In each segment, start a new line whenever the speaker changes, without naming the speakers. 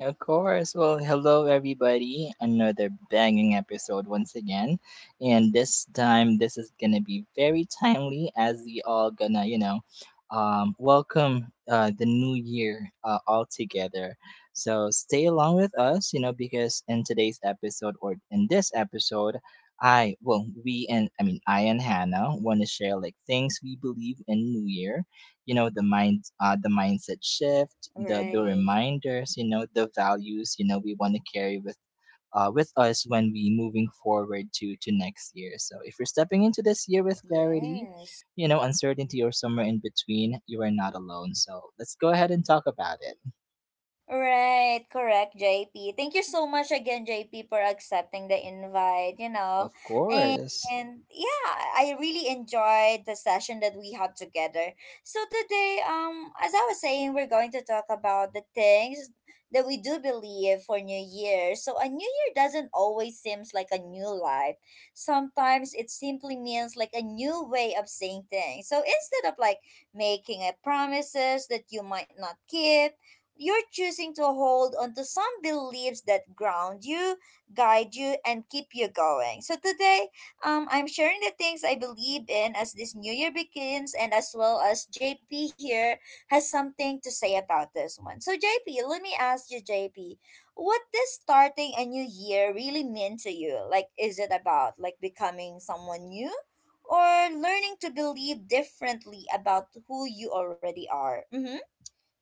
Of course. Well, hello everybody. Another banging episode once again. And this time this is going to be very timely as we all going to, welcome the new year all together. So stay along with us, you know, because in today's episode or in this episode, I well, we and I mean I and Hannah want to share like things we believe in new year, you know, the mind, the mindset shift, the reminders, you know, the values, you know, we want to carry with with us when we moving forward to next year. So if you're stepping into this year with clarity, you know, uncertainty, or somewhere in between, you are not alone. So let's go ahead and talk about it. Of course.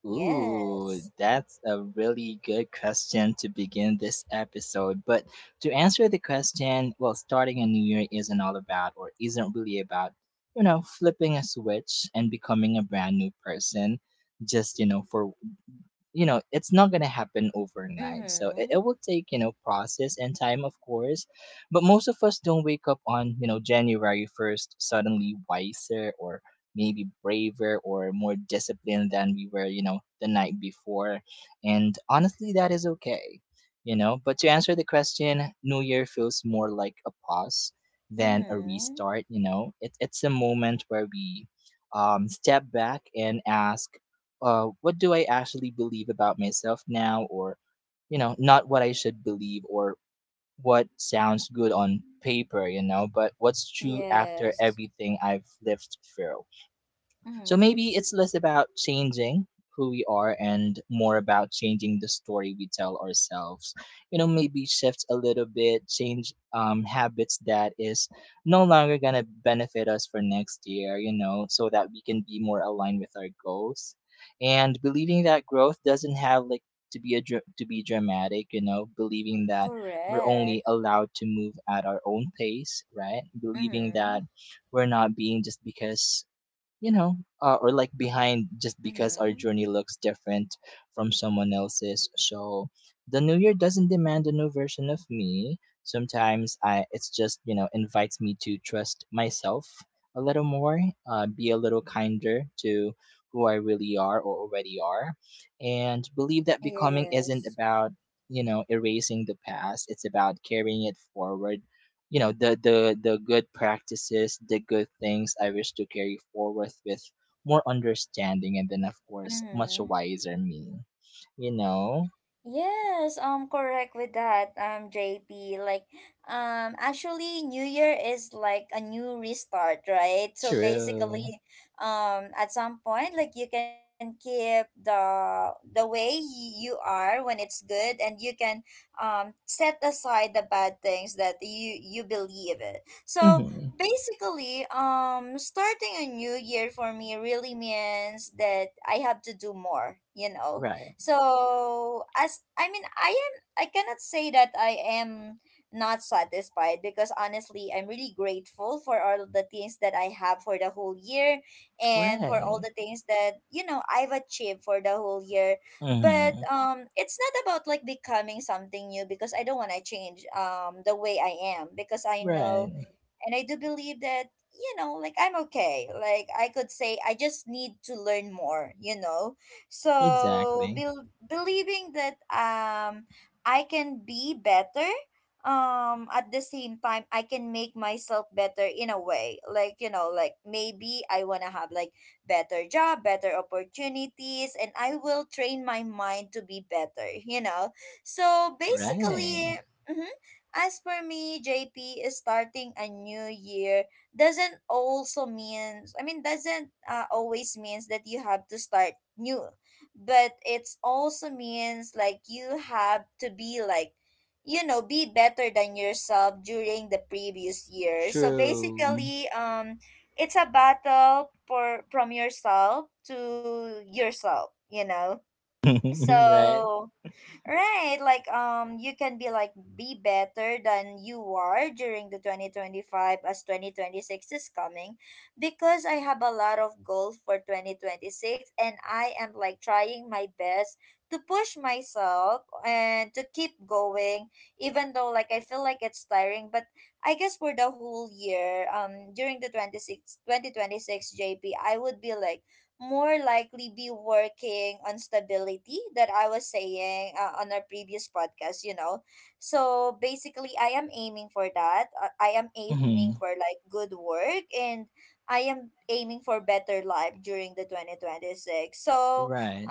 Ooh, that's a really good question to begin this episode. But to answer the question, well, starting a new year isn't all about or isn't really about, you know, flipping a switch and becoming a brand new person just, you know, for, you know, it's not gonna happen overnight. So it will take, you know, process and time of course. But most of us don't wake up on, you know, January 1st suddenly wiser or maybe braver or more disciplined than we were, you know, the night before. And honestly that is okay. You know, but to answer the question, new year feels more like a pause than a restart. You know, it's a moment where we, step back and ask, what do I actually believe about myself now, or, you know, not what I should believe or what sounds good on paper, you know, but what's true after everything I've lived through. So maybe it's less about changing who we are and more about changing the story we tell ourselves. You know, maybe shift a little bit, change habits that is no longer going to benefit us for next year, you know, so that we can be more aligned with our goals. And believing that growth doesn't have like to be dramatic, you know, believing that we're only allowed to move at our own pace, right? Believing that we're not being just because, you know, or like behind just because our journey looks different from someone else's. So the new year doesn't demand a new version of me. Sometimes I it's just, you know, invites me to trust myself a little more, be a little kinder to who I really are or already are, and believe that becoming isn't about, you know, erasing the past. It's about carrying it forward, you know, the the good practices, the good things I wish to carry forward with more understanding, and then of course much wiser me you know True. Mm-hmm. Right. Right. Mm-hmm. Right. Exactly. Right. True. Right. Mm-hmm. Right.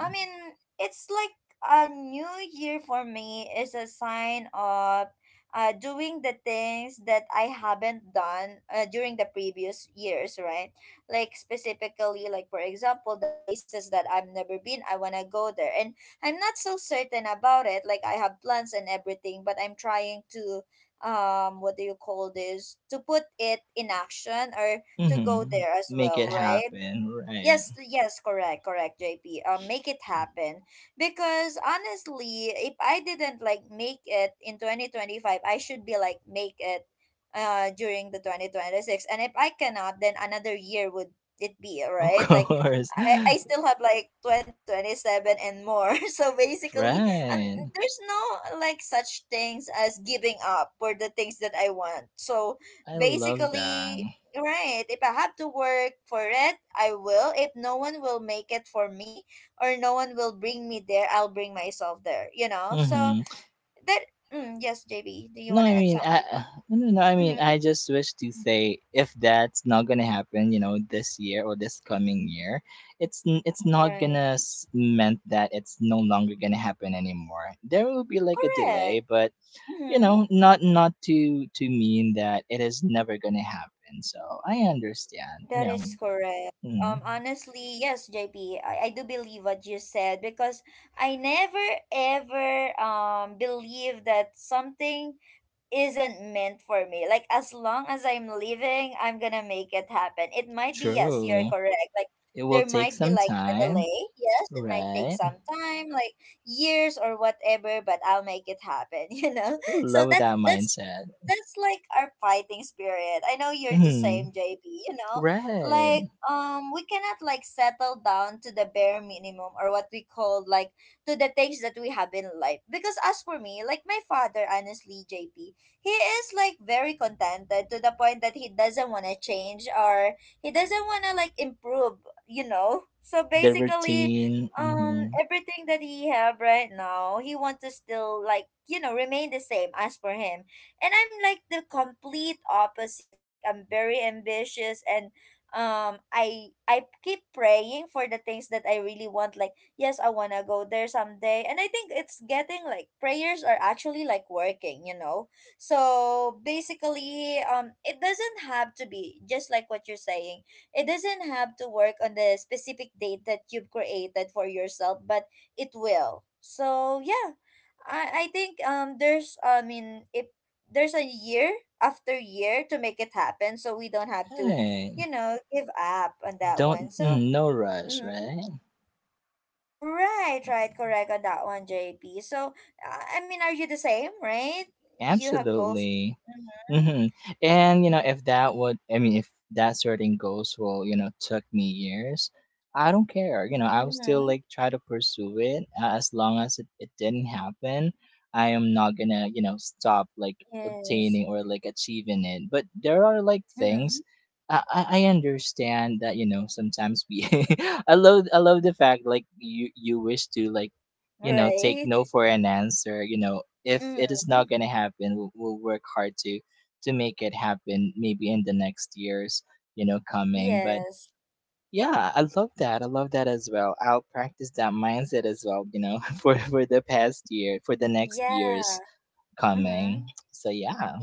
Mm-hmm. Make it happen. Right. Of course. Right. I love that. Mm-hmm. No, I mean, I no, no, no. I mean, I just wish to say if that's not gonna happen, you know, this year or this coming year, it's not gonna meant that it's no longer gonna happen anymore. There will be like a delay, but, you know, not to mean that it is never gonna happen. So I understand. No. Mm. True. It will take some time, right? Love that mindset. Hmm. Right. The routine, mhm. Right. Don't, no rush, right? Absolutely. Hmm. And you know, if that would, I mean, if that certain goals will, you know, took me years, I don't care. You know, I will still like try to pursue it, as long as it didn't happen. I am not gonna, you know, stop like obtaining or like achieving it. But there are like things. I understand that, you know, sometimes we, I love the fact like you wish to like, you know, take no for an answer, you know. If it is not going to happen, we'll work hard to make it happen maybe in the next years you know coming. But yeah, I love that. I love that as well. I'll practice that mindset as well, you know. for the past year, for the next years coming. So yeah.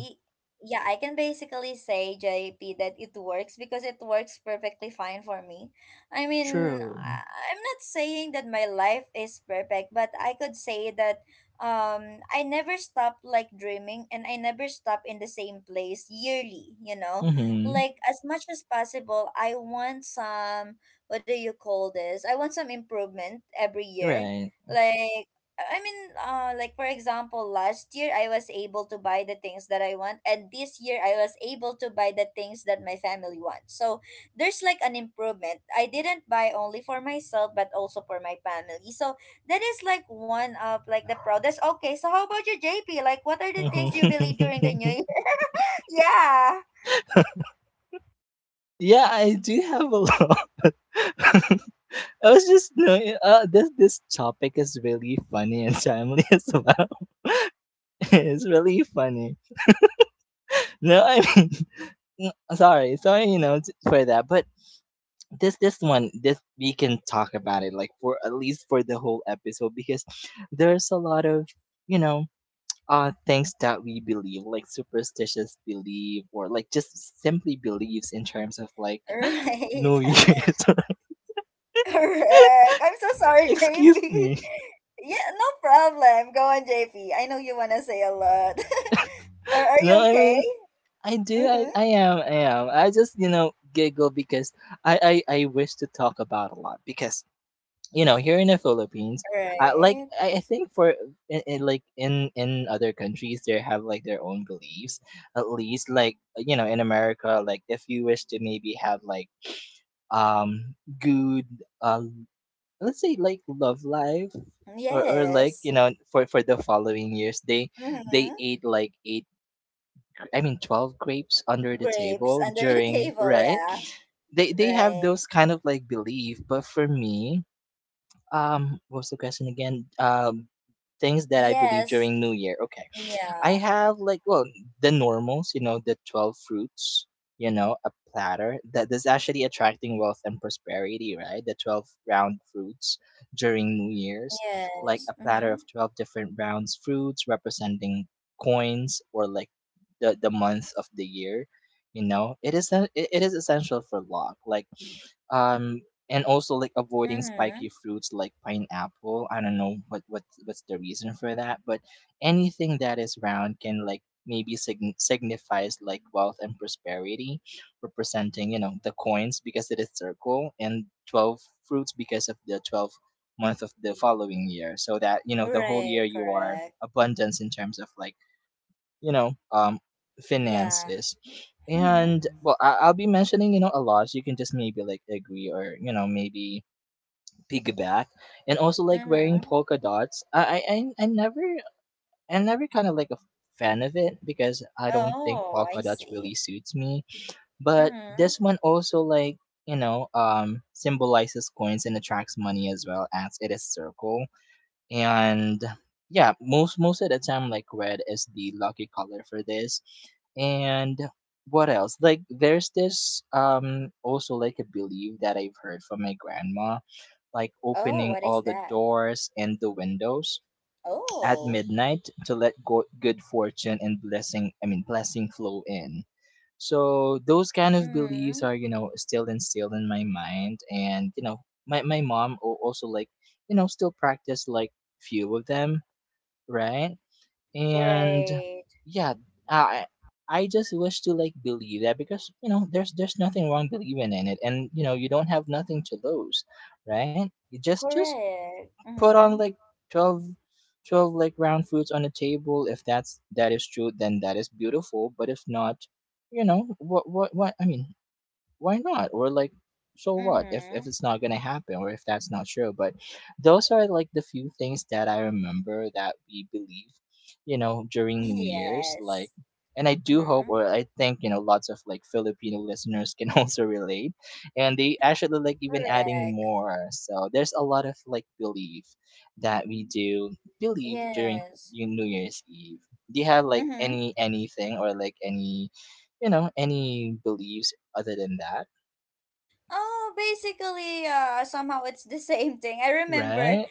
True. Mm-hmm. Right. Mm-hmm. Yeah, I do have a lot. I was just knowing, this topic is really funny and timely as well. It's really funny. No, I mean, sorry, sorry, you know, for that. But this we can talk about it like for at least for the whole episode, because there's a lot of, you know things that we believe, like superstitious belief or like just simply beliefs in terms of like New Year's. Excuse me. No, I mean I do. I am. I am. I just, giggle because I wish to talk about a lot, because, you know, here in the Philippines, like, I think for in, like in other countries they have like their own beliefs. At least like, you know, in America, like if you wish to maybe have like good, um let's say like love life, or like, you know, for the following years, they ate like eight gr- I mean 12 grapes under the table during. Right. They have those kind of like belief. But for me, what was the question again? Things that I believe during New Year. Okay. I have like, well, the normals, you know, the 12 fruits, a platter that is actually attracting wealth and prosperity, right? The 12 round fruits during New Year's, like a platter of 12 different rounds fruits representing coins or like the month of the year. You know, it is essential for luck. Like, um and also like avoiding spiky fruits like pineapple. I don't know what's the reason for that. But anything that is round can like maybe signifies like wealth and prosperity, representing, you know, the coins because it is circle, and 12 fruits because of the 12 month of the following year, so that, you know, the whole year you are abundance in terms of like, you know, finance is. And well, I'll be mentioning, you know, a lot, so you can just maybe like agree or, you know, maybe piggyback. And also like wearing polka dots, I never kind of like a fan of it, because I don't think polka dots really suits me. But this one also like, you know, symbolizes coins and attracts money, as well as it is circle. And yeah, most of the time like red is the lucky color for this. And what else, like, there's this, also like a belief that I've heard from my grandma, like opening all the doors and the windows at midnight to let good fortune and blessing, I mean blessing, flow in. So those kind of beliefs are, you know, still instilled in my mind. And you know, my mom also like, you know, still practice like few of them, right? And yeah, I I just wish to like believe that, because, you know, there's nothing wrong believing in it, and, you know, you don't have nothing to lose, right? You just put on like 12, 12 like round fruits on the table. If that is true, then that is beautiful. But if not, you know, what I mean, why not? Or like, so what if it's not gonna happen or if that's not true? But those are like the few things that I remember that we believe, you know, during New Year's. Like, and I do hope, or I think, you know, lots of like Filipino listeners can also relate, and they actually like even adding more. So there's a lot of like belief that we do believe during New Year's Eve. Do you have like anything or like any you know any beliefs other than that, right?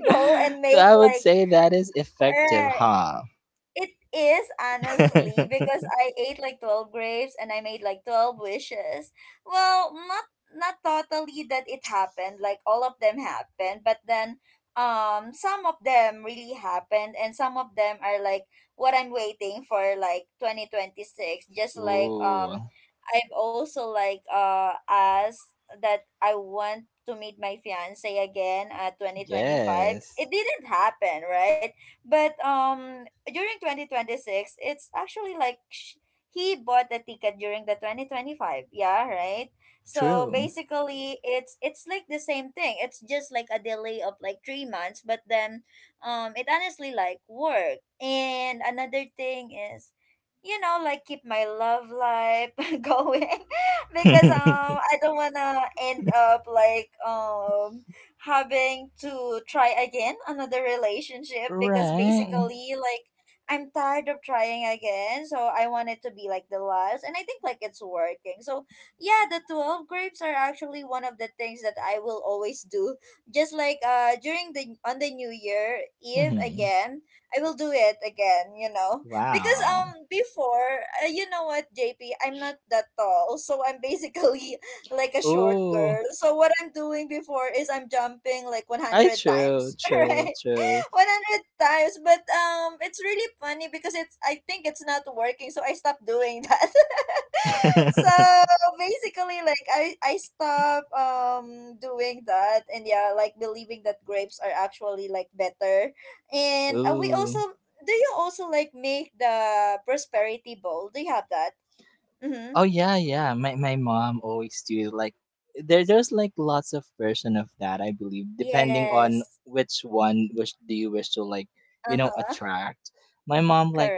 So I would say that is effective, huh? Ooh, yes, true. Right. Hmm. Wow. Ooh, I true, true, true. Ooh, oh yeah, yeah. My mom always do it, like there's like lots of version of that, I believe, depending on which do you wish to like, you know, attract. My mom, like,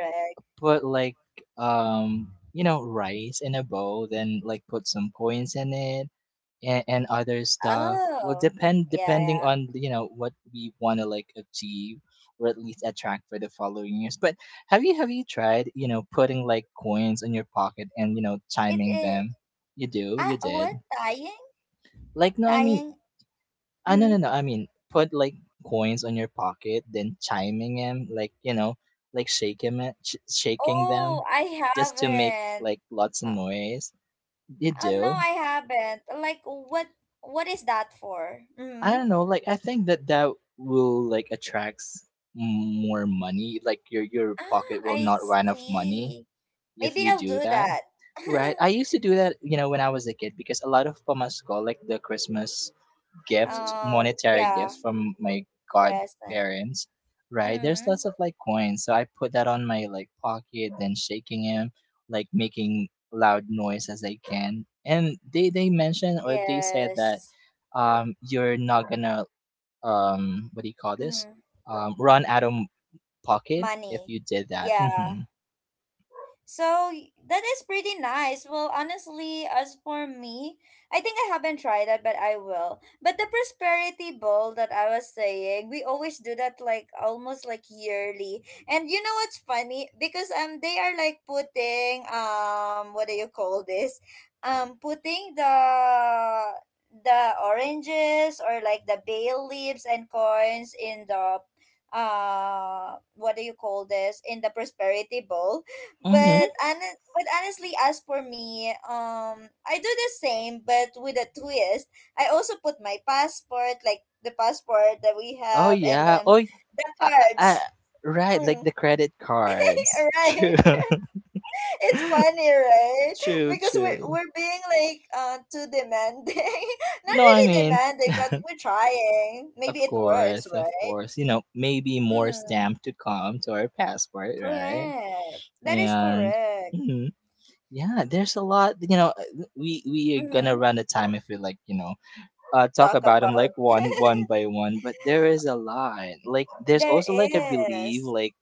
put like rice in a bowl, then like put some coins in it, and other stuff will depending on what we want to like achieve or at least attract for the following years. But have you tried putting like coins in your pocket and chiming them? You do? You did? Like, no, I mean, I... No, no, no, I mean, put like coins on your pocket, then chiming them, like, like shaking it, shaking them, just to make like lots of noise. You do? I don't know. Like, I think that will like attracts more money. Like, your pocket will not run of money if you do that. Right. I used to do that, when I was a kid, because a lot of pamasko, like the Christmas gift, monetary gifts from my godparents, right? There's lots of like coins. So I put that on my like pocket, then shaking him, like making loud noise as I can. And they mentioned or they said that you're not gonna, what do you call this, run out of pocket if you did that. Mm-hmm. Mm-hmm. Oh yeah, I, I, I- right, like the credit cards. True, true, true. No, I mean, of course, of course, maybe more stamp to come to our passport, right? And mhm. Yeah, there's a lot, we are gonna run out of time if we like, talk about them like one by one, but there is a lot. Like, there's also like a belief, like,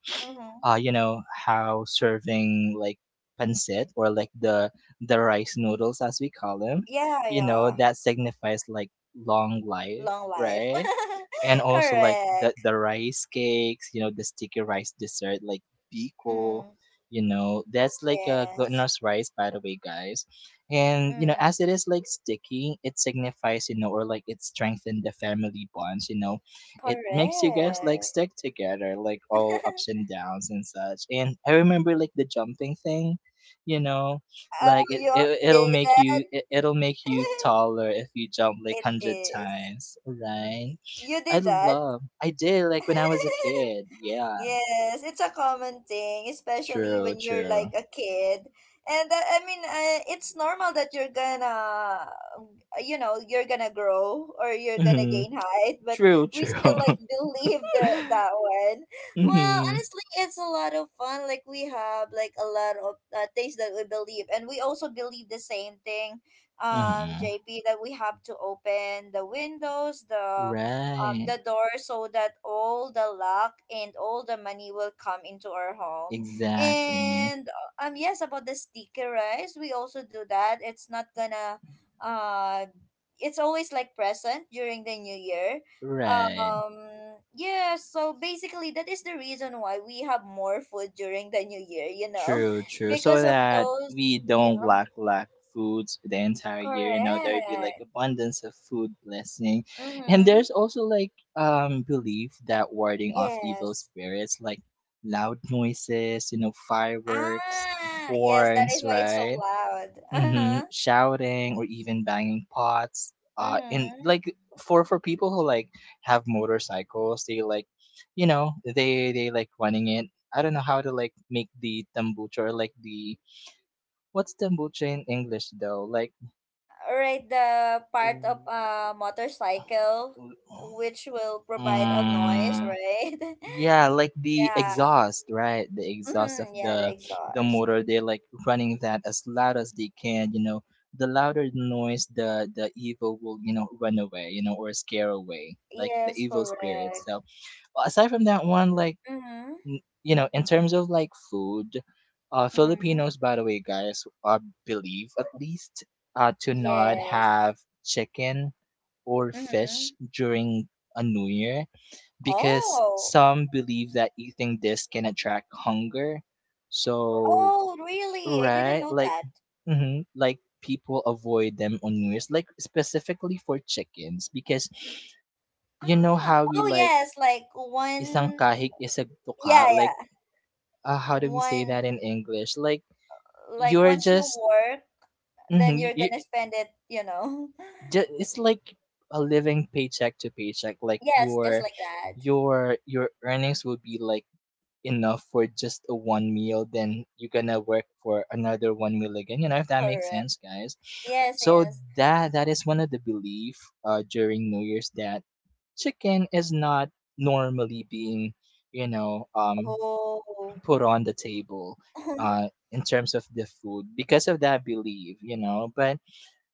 you know how serving like pancit or like the rice noodles, as we call them, that signifies like long life, right? And also like the rice cakes, the sticky rice dessert, like biko, that's like a glutinous rice, by the way, guys. And as it is like sticky, it signifies, or like it strengthens the family bonds. It makes you guys like stick together, like all ups and downs and such. And I remember like the jumping thing, you know, like it'll make you taller if you jump like 100 times, right? I love. I did like when I was a kid. Yeah. True. True. Mm-hmm. True. True. Mm-hmm. Mm-hmm. Right. Exactly. Right. True, true. So that we don't lack foods the entire year. There'd be like abundance of food blessing. And there's also like belief that warding off evil spirits, like loud noises, fireworks, horns, right? Mhm, shouting or even banging pots. And like, for people who like have motorcycles, they like, they like running it. I don't know how to like make the tambucha or like the, what's tambucha in English, though. Like, w- w- mm, yeah, like the exhaust, right? The exhaust of the motor, they're like running that as loud as they can. The louder the noise, the evil will, run away, or scare away, like the evil spirit. So, well, aside from that one, like, in terms of like food, Filipinos, by the way, guys, believe at least, to not have chicken or fish during a new year, because some believe that eating this can attract hunger. So, right, like, like, people avoid them on New Year's, like specifically for chickens, because you know how we like isang kahig isang tuka, like, how do we say that in English? Like, you're just, mhm, you, it's like a living paycheck to paycheck, like your earnings will be like enough for just a one meal, then you're gonna work for another one meal again. You know if that makes sense, guys. So, that is one of the belief, during New Year's, that chicken is not normally being, you know um put on the table, in terms of the food, because of that belief, you know, but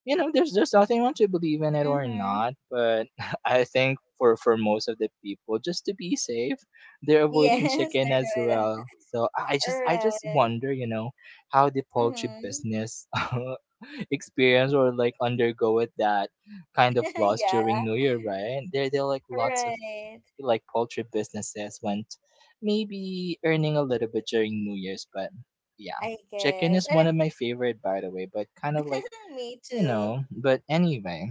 there's nothing wrong to believe in it or not. But I think for most of the people, just to be safe, they're avoiding chicken as well. So I just wonder, how the poultry business experience or like undergo with that kind of loss during new year, right? There like lots of like poultry businesses went, maybe earning a little bit during new year's, but yeah. Chicken is one of my favorite, by the way, but kind of like, but anyway.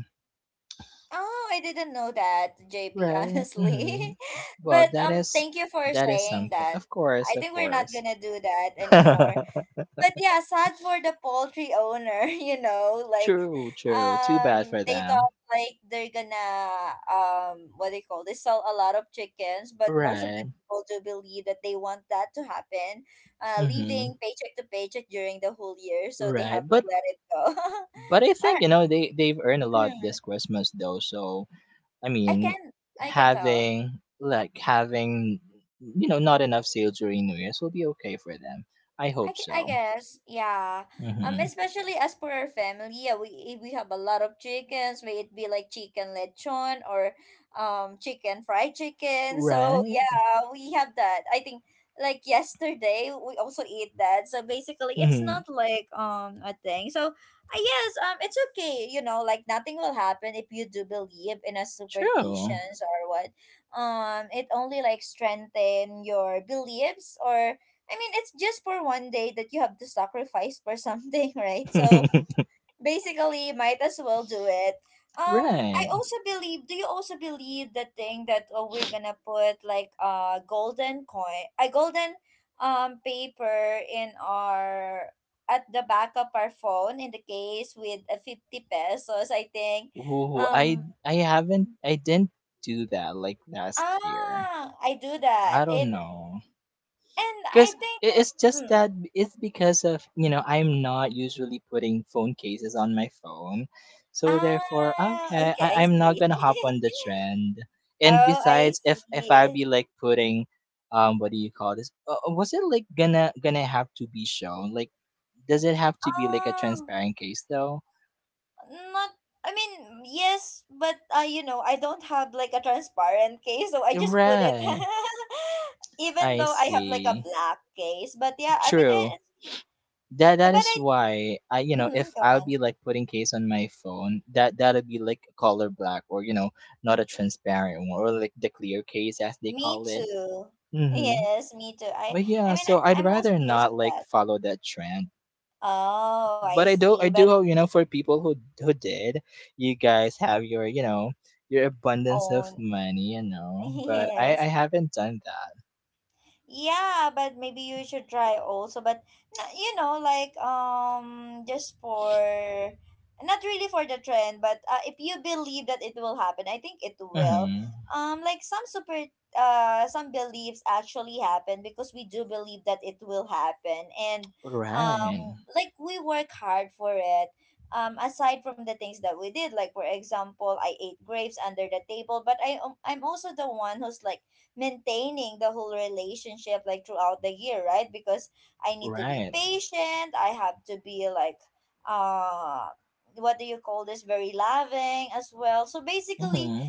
Right, hmm. Well, that is something, of course, of course. True, true. Too bad for them. Right. Mm-hmm. Right. But I think, they they've earned a lot this Christmas, though. So, I mean, having not enough sales during new year's will be okay for them. I hope so. Mm-hmm. Right. Mm-hmm. True. Right. Ooh, I didn't do that like last year. I don't know. Cuz it's just that it's because of, I'm not usually putting phone cases on my phone. So therefore, okay, I'm not going to hop on the trend. And besides, if I be like putting, what do you call this? Was it like gonna have to be shown? Like, does it have to be like a transparent case, though? Right. I see. True. That is why I, if I'll be like putting case on my phone, that'll be like color black, or not a transparent one, or like the clear case as they call it. Mm-hmm. But yeah, so I'd rather not like follow that trend. But I do hope, for people who did, you guys have your, your abundance of money, you know. But I haven't done that. Mm-hmm. Right. Right. Mm-hmm.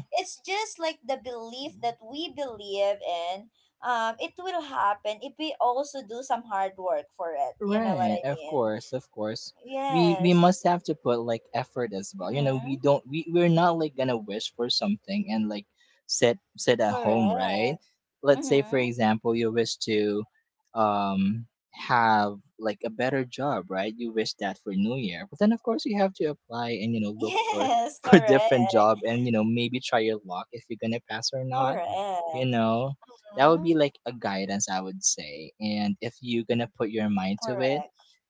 Right, of course, of course. We must have to put like effort as well. You know, we don't, we're not like gonna wish for something and like sit at home, right? Let's say for example you wish to, um have like a better job, right? You wish that for New Year. But then, of course, you have to apply and look for for different job, and maybe try your luck if you're gonna pass or not, you know that would be like a guidance, I would say. And if you're gonna put your mind to it,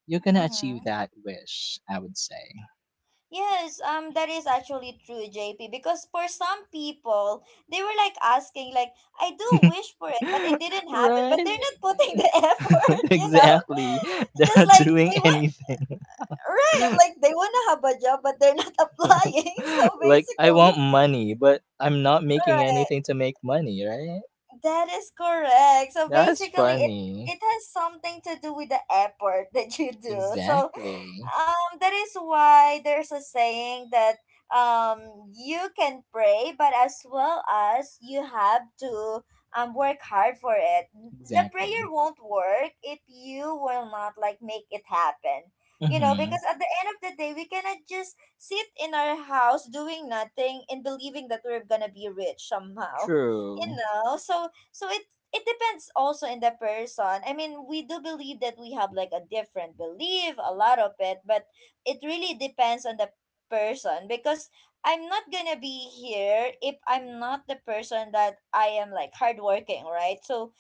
you're gonna achieve that wish, I would say. Right. Exactly. They're not doing anything. Like, I want money, but I'm not making anything to make money, right? That's funny. Exactly. Exactly. Mm-hmm. True.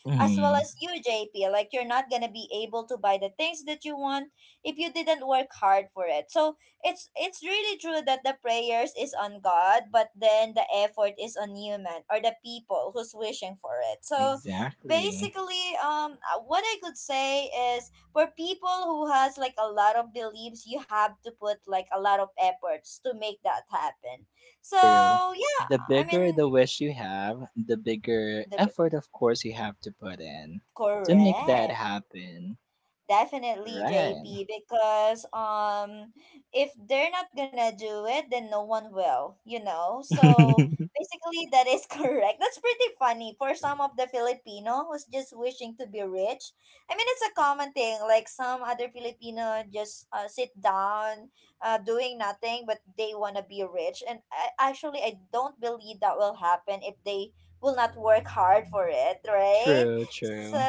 Mm-hmm. Exactly. True. The bigger the wish you have, the bigger effort, of course, you have to put in to make that happen. Right. True, true.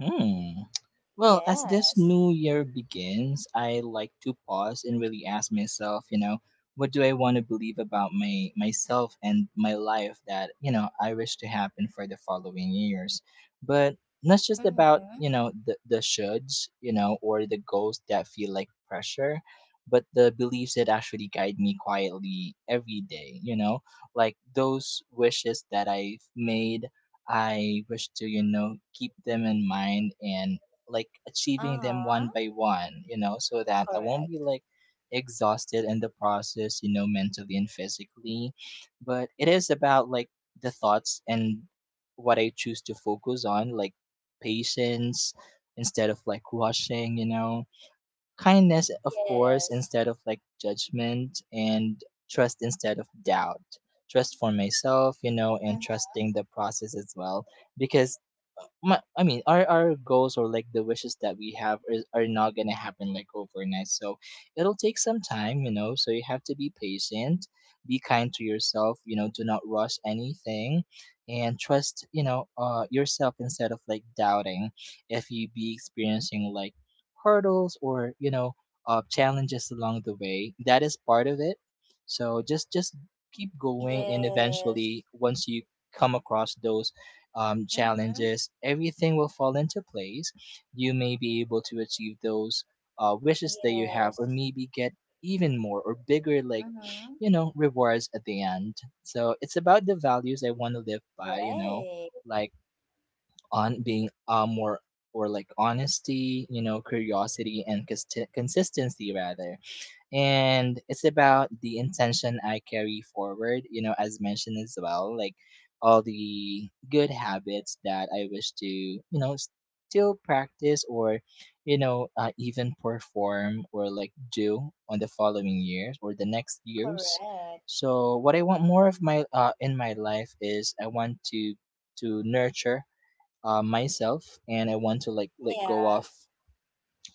Hmm. Well, as this new year begins, I like to pause and really ask myself, what do I want to believe about my myself and my life that, I wish to happen for the following years. But not just about, the, shoulds, or the goals that feel like pressure, but the beliefs that actually guide me quietly every day, like those wishes that I've made, I wish to, keep them in mind, and like achieving them one by one, so that I won't be like exhausted in the process, mentally and physically. But it is about like the thoughts and what I choose to focus on, like patience instead of like rushing, kindness, of course, instead of like judgment, and trust instead of doubt. Trust for myself, and trusting the process as well, because my, I mean, our goals, or like the wishes that we have, are not gonna happen like overnight. So it'll take some time. So you have to be patient, be kind to yourself. You know, do not rush anything, and trust, yourself instead of like doubting, if you be experiencing like hurdles, or challenges along the way. That is part of it. So just keep going, and eventually, once you come across those, challenges, everything will fall into place. You may be able to achieve those, wishes that you have, or maybe get even more or bigger, like, rewards at the end. So it's about the values I want to live by, like on being, more or like honesty, curiosity, and consistency, rather. And it's about the intention I carry forward, as mentioned as well, like all the good habits that I wish to, still practice, or, even perform or like do on the following years or the next years. So what I want more of my in my life is I want to nurture myself, and I want to, like, let go of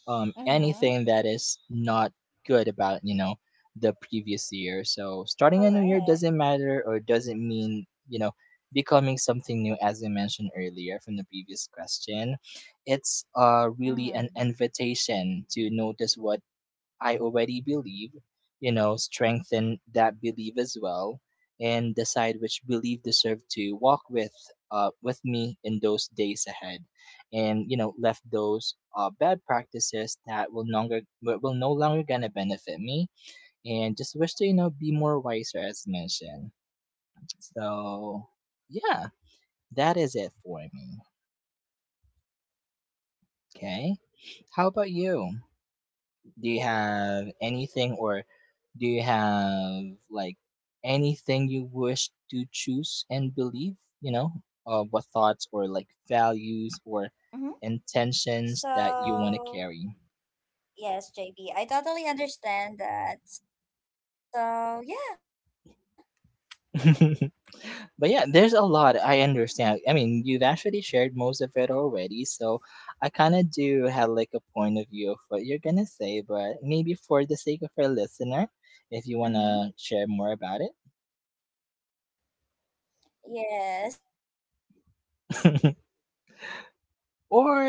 anything that is not good about the previous year. So starting a new year doesn't matter or doesn't mean, you know, becoming something new, as I mentioned earlier from the previous question. It's really an invitation to notice what I already believe, you know, strengthen that belief as well, and decide which belief deserve to walk with me in those days ahead, and, you know, left those bad practices that will no longer gonna benefit me, and just wish to, you know, be more wiser as mentioned. So yeah, that is it for me. Okay, how about you? Do you have anything, or do you have, like, anything you wish to choose and believe, you know, what thoughts or like values or intentions that you want to carry? But yeah, there's a lot. I understand. I mean, you've actually shared most of it already, so I kind of do have like a point of view of what you're gonna say, but maybe for the sake of our listener, if you wanna share more about it. Or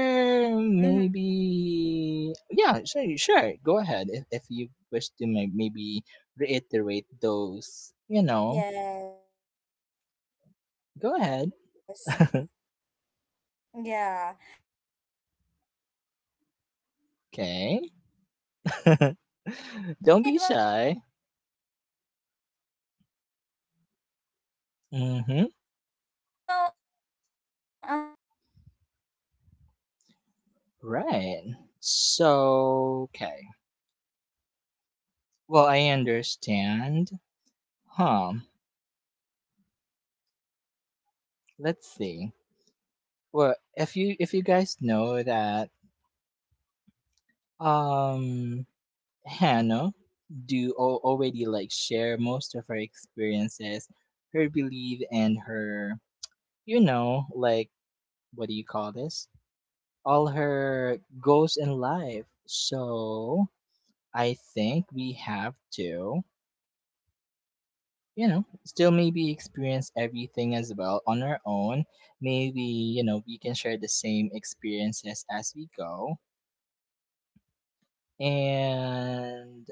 maybe, yeah, sure, sure. Go ahead if, you wish to maybe reiterate those. You know, go ahead. Okay. Don't be shy. Mm-hmm. Right. So, okay. Well, I understand. Huh. Let's see. Well, if you guys know that um Hannah already like share most of her experiences, her belief, and her, you know, like, what do you call this? All her goals in life. So I think we have to, you know, still maybe experience everything as well on our own. Maybe, you know, we can share the same experiences as we go. And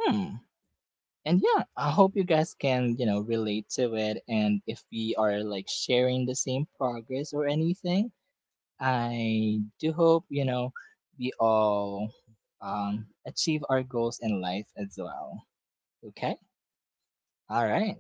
hmm, and yeah, I hope you guys can, you know, relate to it. And if we are like sharing the same progress or anything, I do hope, you know, we all achieve our goals in life as well. Okay. All right.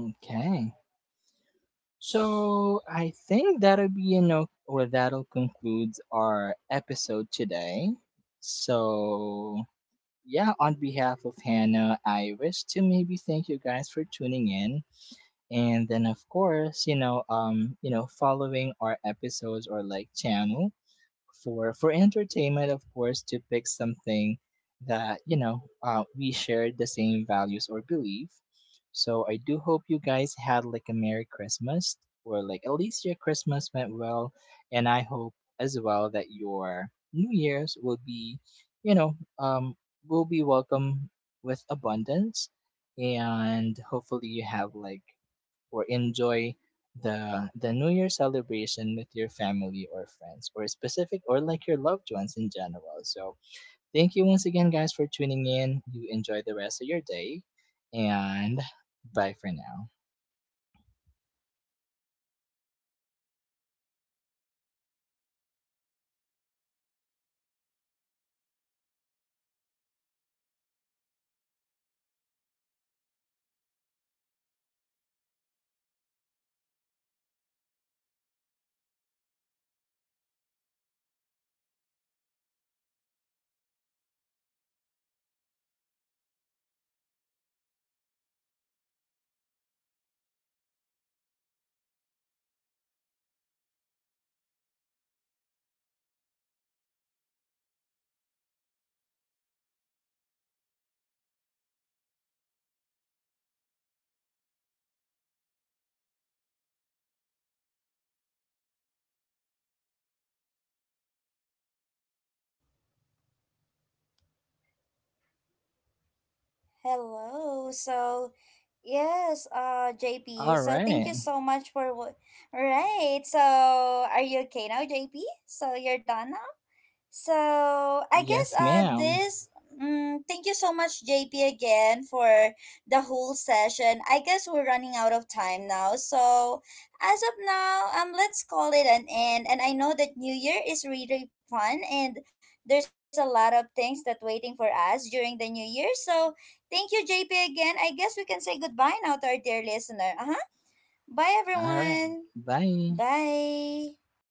Okay. So I think that'll be, you know, or that'll conclude our episode today. So yeah, on behalf of Hannah, I wish to maybe thank you guys for tuning in, and then, of course, you know, you know, following our episodes or like channel for entertainment, of course, to pick something that, you know, we share the same values or belief. So I do hope you guys had like a merry Christmas, or like at least your Christmas went well, and I hope as well that your new year's will be, you know um will be welcome with abundance, and hopefully you have like, or enjoy, the new year celebration with your family or friends or specific or like your loved ones in general. So thank you once again, guys, for tuning in. You enjoy the rest of your day. And bye for now.
Oh, hello. JP,
All
so thank you
right.
so much for what. Right. So, are you okay now, JP? So, you're done So I guess
Yes, ma'am.
this mm, Thank you so much, JP, again for the whole session. I guess we're running out of time now. So as of now, let's call it an end. And I know that New Year is really fun and there's a lot of things that waiting for us during the New Year. So thank you, JP, again. I guess we can say goodbye now to our dear listener. Uh-huh. Bye
All right.
everyone.
Bye.
Bye.